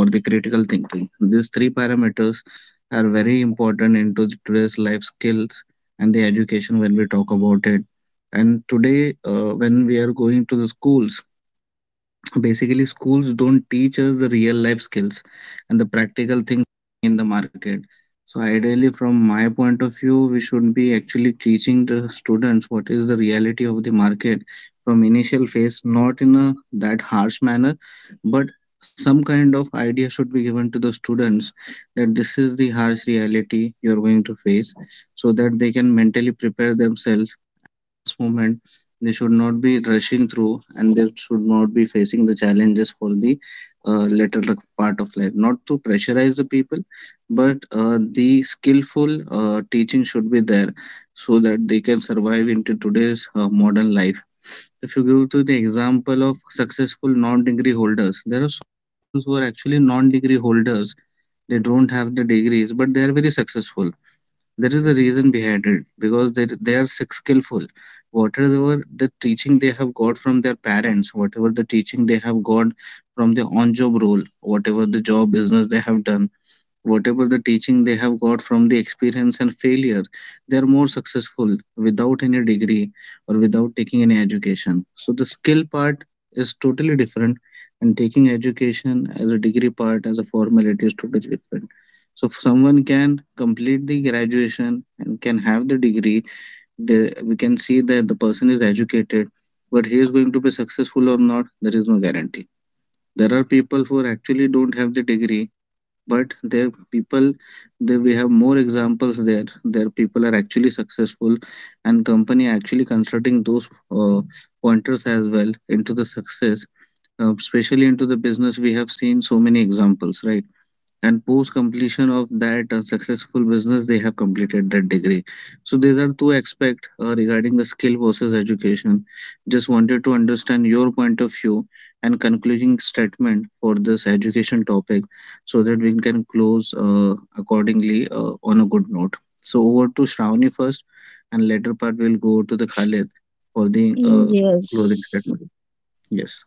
S3: uh, for the critical thinking. These three parameters are very important into the today's life skills and the education, when we talk about it. And today when we are going to the schools, basically, schools don't teach us the real life skills and the practical things in the market. So, ideally, from my point of view, we should be actually teaching the students what is the reality of the market from initial phase, not in a that harsh manner, but some kind of idea should be given to the students, that this is the harsh reality you're going to face, so that they can mentally prepare themselves movement. They should not be rushing through, and they should not be facing the challenges for the later part of life. Not to pressurize the people, but the skillful teaching should be there, so that they can survive into today's modern life. If you go to the example of successful non degree holders, there are so who are actually non degree holders. They don't have the degrees, but they are very successful. There is a reason behind it because they are sick skillful. Whatever the teaching they have got from their parents, whatever the teaching they have got from the on job role, whatever the job business they have done, whatever the teaching they have got from the experience and failure, they are more successful without any degree or without taking any education. So the skill part is totally different, and taking education as a degree part as a formality is totally different. So if someone can complete the graduation and can have the degree, we can see that the person is educated, but he is going to be successful or not, there is no guarantee. There are people who actually don't have the degree, but their people, we have more examples there. Their people are actually successful, and company actually considering those pointers as well into the success, especially into the business. We have seen so many examples, right? And post completion of that successful business, they have completed that degree. So these are two aspects regarding the skill versus education. Just wanted to understand your point of view and concluding statement for this education topic, so that we can close accordingly on a good note. So over to Shravani first, and later part we'll go to the Khalid for the closing
S2: Yes.
S3: statement. Yes.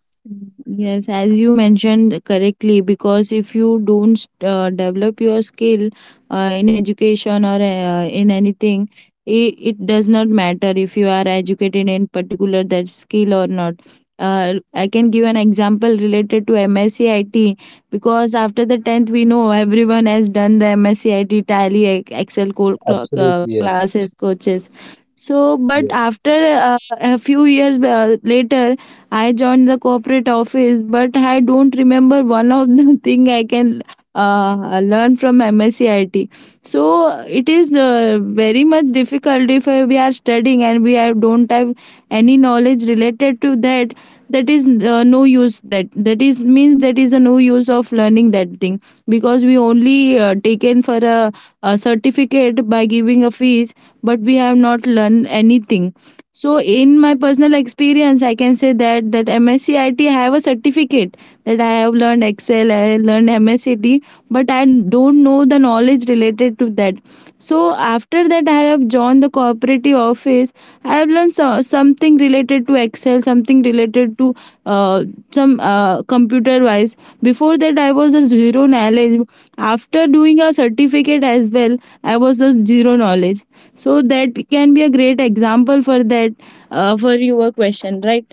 S2: Yes, as you mentioned correctly, because if you don't develop your skill in education or in anything, it does not matter if you are educated in particular that skill or not. I can give an example related to MSc because after the 10th, we know everyone has done the MSc IT, Tally, Excel,
S1: Absolutely. Yes.
S2: classes, coaches. So, but
S1: Yes.
S2: after a few years later, I joined the corporate office, but I don't remember one of the thing I can learn from MSCIT. So it is very much difficult if we are studying and we have, don't have any knowledge related to that. That is no use. That that is means that is a no use of learning that thing because we only taken for a certificate by giving a fees, but we have not learned anything. So in my personal experience, I can say that that MSc IT have a certificate that I have learned Excel, I have learned MSc I T, but I don't know the knowledge related to that. So after that, I have joined the cooperative office. I have learned so, something related to Excel, something related to uh, some computer wise. Before that, I was a zero knowledge. After doing a certificate as well, I was a zero knowledge, so that can be a great example for that, for your question, right?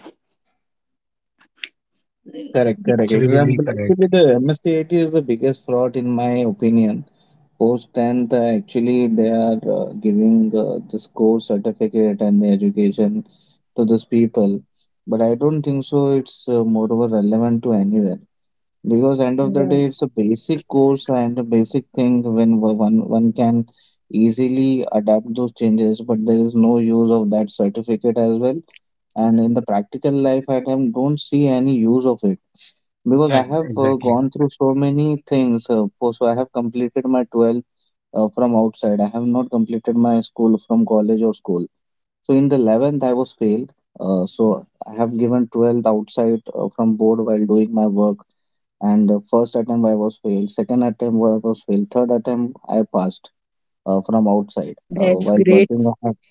S3: Correct,
S2: Yeah,
S3: correct.
S1: That's really
S3: Example,
S1: correct.
S3: actually, the MSTIT is the biggest fraud in my opinion. Post 10th, actually, they are giving this course certificate and the education to these people. But I don't think so it's moreover relevant to anywhere. Because end of the day, it's a basic course and a basic thing when one can easily adapt those changes, but there is no use of that certificate as well. And in the practical life, I don't see any use of it, because I
S1: Ex-
S3: have
S1: Exactly.
S3: gone through so many things. So I have completed my 12th from outside. I have not completed my school from college or school. So in the 11th, I was failed. So I have given 12th outside from board while doing my work, and the first attempt I was failed. Second attempt I was failed. Third attempt I passed from outside
S2: that's
S3: while
S2: great.
S3: working. I have-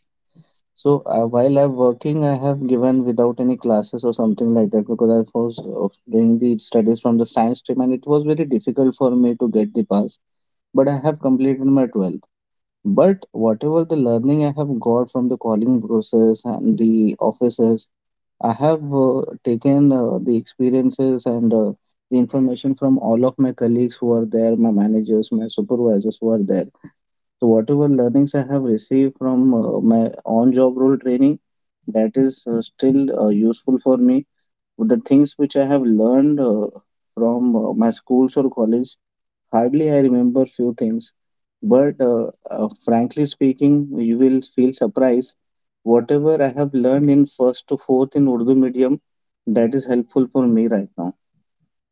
S3: So while I'm working, I have given without any classes or something like that, because I was doing the studies from the science stream and it was very difficult for me to get the pass. But I have completed my 12th. But whatever the learning I have got from the calling process and the offices, I have taken the experiences and the information from all of my colleagues who are there, my managers, my supervisors who are there. So, whatever learnings I have received from my on job role training, that is still useful for me. The things which I have learned from my schools or college, hardly I remember few things, but frankly speaking, you will feel surprised. Whatever I have learned in first to fourth in Urdu medium, that is helpful for me right now,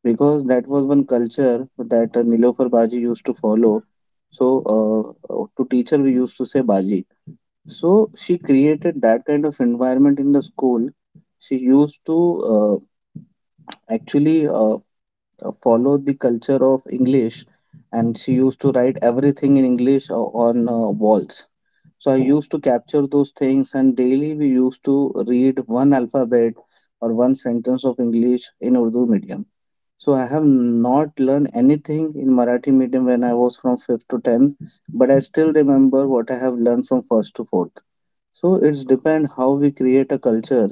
S3: because that was one culture that Nilofar Baji used to follow. So to teacher we used to say Baji. So she created that kind of environment in the school. She used to actually follow the culture of English, and she used to write everything in English on walls. So I used to capture those things, and daily we used to read one alphabet or one sentence of English in Urdu medium. So I have not learned anything in Marathi medium when I was from 5th to 10th, but I still remember what I have learned from 1st to 4th. So it's depend how we create a culture.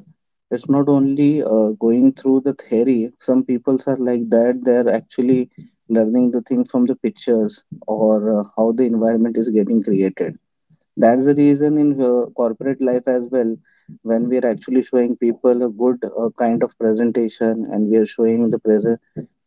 S3: It's not only going through the theory. Some peoples are like that. They are actually learning the thing from the pictures or how the environment is getting created. That's the reason in corporate life as well, when we are actually showing people a good kind of presentation and we are showing the present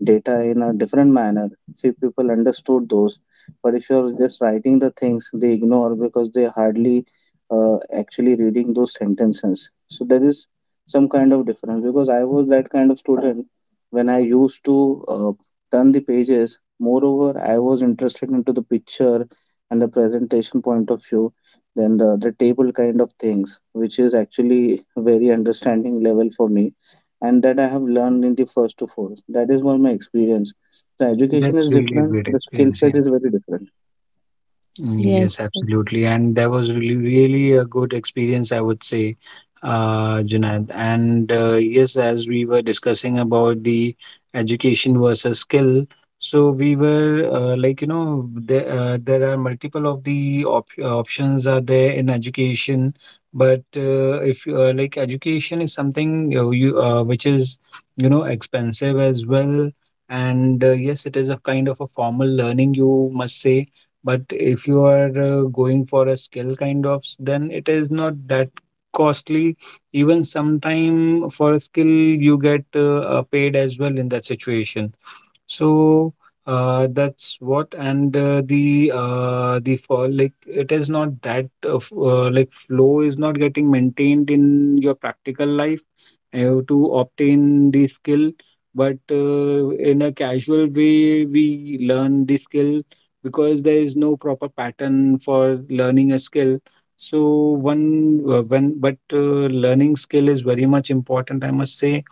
S3: data in a different manner, few people understood those. But if you're just writing the things, they ignore because they hardly actually reading those sentences. So there is some kind of difference, because I was that kind of student when I used to turn the pages. Moreover, I was interested into the picture and the presentation point of view than the other table kind of things, which is actually very understanding level for me, and that I have learned
S2: Mhm.
S3: in the first to fourth. That is what my experience. The education is
S1: That's really a
S3: different.
S1: great
S3: The skill
S1: experience.
S3: set
S1: Yeah.
S3: is very different.
S1: Mm, yes,
S2: Yes, yes.
S1: absolutely. And that was really, really a good experience, I would say, Junaid. And yes, as we were discussing about the education versus skill, so we were like, you know, there are multiple of the op options are there in education. But if you like education is something you which is, expensive as well. And yes, it is a kind of a formal learning, you must say. But if you are going for a skill kind of, then it is not that costly. Even sometime for a skill, you get paid as well in that situation. So that's what, and the fall, like it is not that flow is not getting maintained in your practical life to obtain the skill, but in a casual way we learn the skill, because there is no proper pattern for learning a skill. So one when but learning skill is very much important, I must say.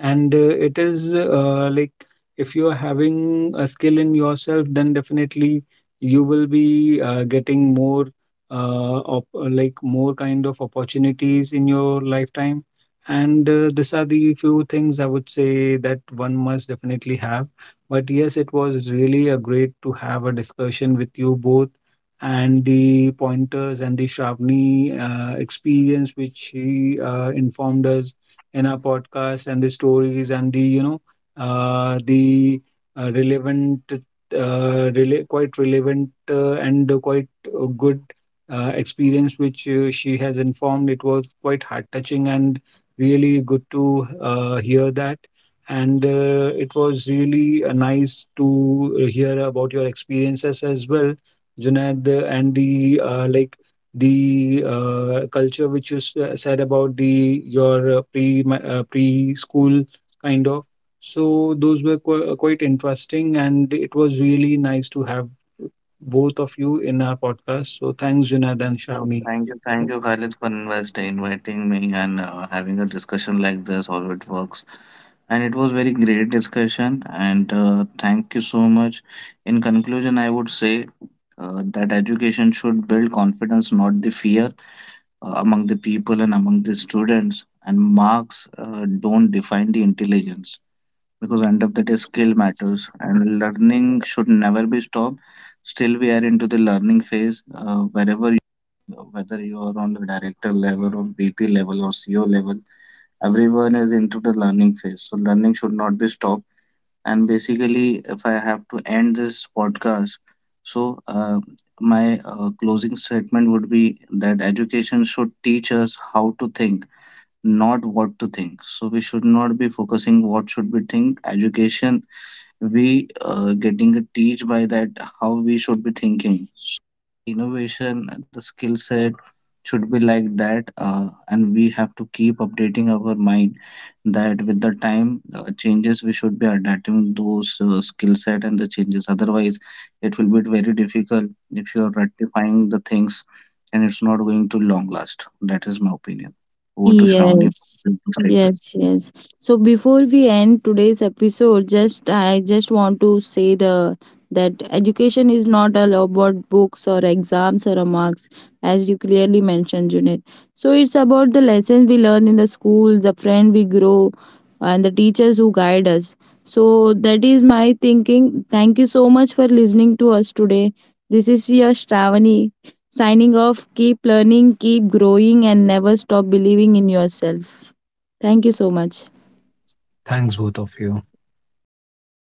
S1: And it is like if you are having a skill in yourself, then definitely you will be getting more op- like more kind of opportunities in your lifetime. And these are the few things I would say that one must definitely have. But yes, it was really a great to have a discussion with you both, and the pointers, and the Shravani experience which she informed us in our podcast, and the stories, and the you know the uh, relevant uh, quite relevant and quite good experience which she has informed, it was quite heart touching and really good to hear that. And it was really nice to hear about your experiences as well, Junaid, and the culture which you said about the your preschool kind of. So those were quite interesting, and it was really nice to have both of you in our podcast. So thanks,
S3: Thank you,
S1: Junaid and
S3: thank you,
S1: Shami.
S3: thank you, Khalid, for inviting me and having a discussion like this. How it works, and it was very great discussion. And thank you so much. In conclusion, I would say that education should build confidence, not the fear, among the people and among the students. And marks don't define the intelligence, because end of the day skill matters and learning should never be stopped. Still we are into the learning phase. Wherever you, whether you are on the director level or VP level or CEO level, everyone is into the learning phase. So learning should not be stopped. And basically, if I have to end this podcast, so my closing statement would be that education should teach us how to think, not what to think. So we should not be focusing what should be think. Education we getting a teach by that how we should be thinking. So innovation, the skill set should be like that, and we have to keep updating our mind, that with the time changes we should be adapting those skill set and the changes, otherwise it will be very difficult if you are rectifying the things, and it's not going to long last. That is my opinion. Over to Shravani for the concluding statement.
S2: Yes, yes, yes. So before we end today's episode, just I just want to say the that education is not all about books or exams or marks, as you clearly mentioned, Junaid. So it's about the lessons we learn in the school, the friend we grow, and the teachers who guide us. So that is my thinking. Thank you so much for listening to us today. This is your Shravani, signing off. Keep learning, keep growing, and never stop believing in yourself. Thank you so much.
S1: Thanks both of you.
S3: Thank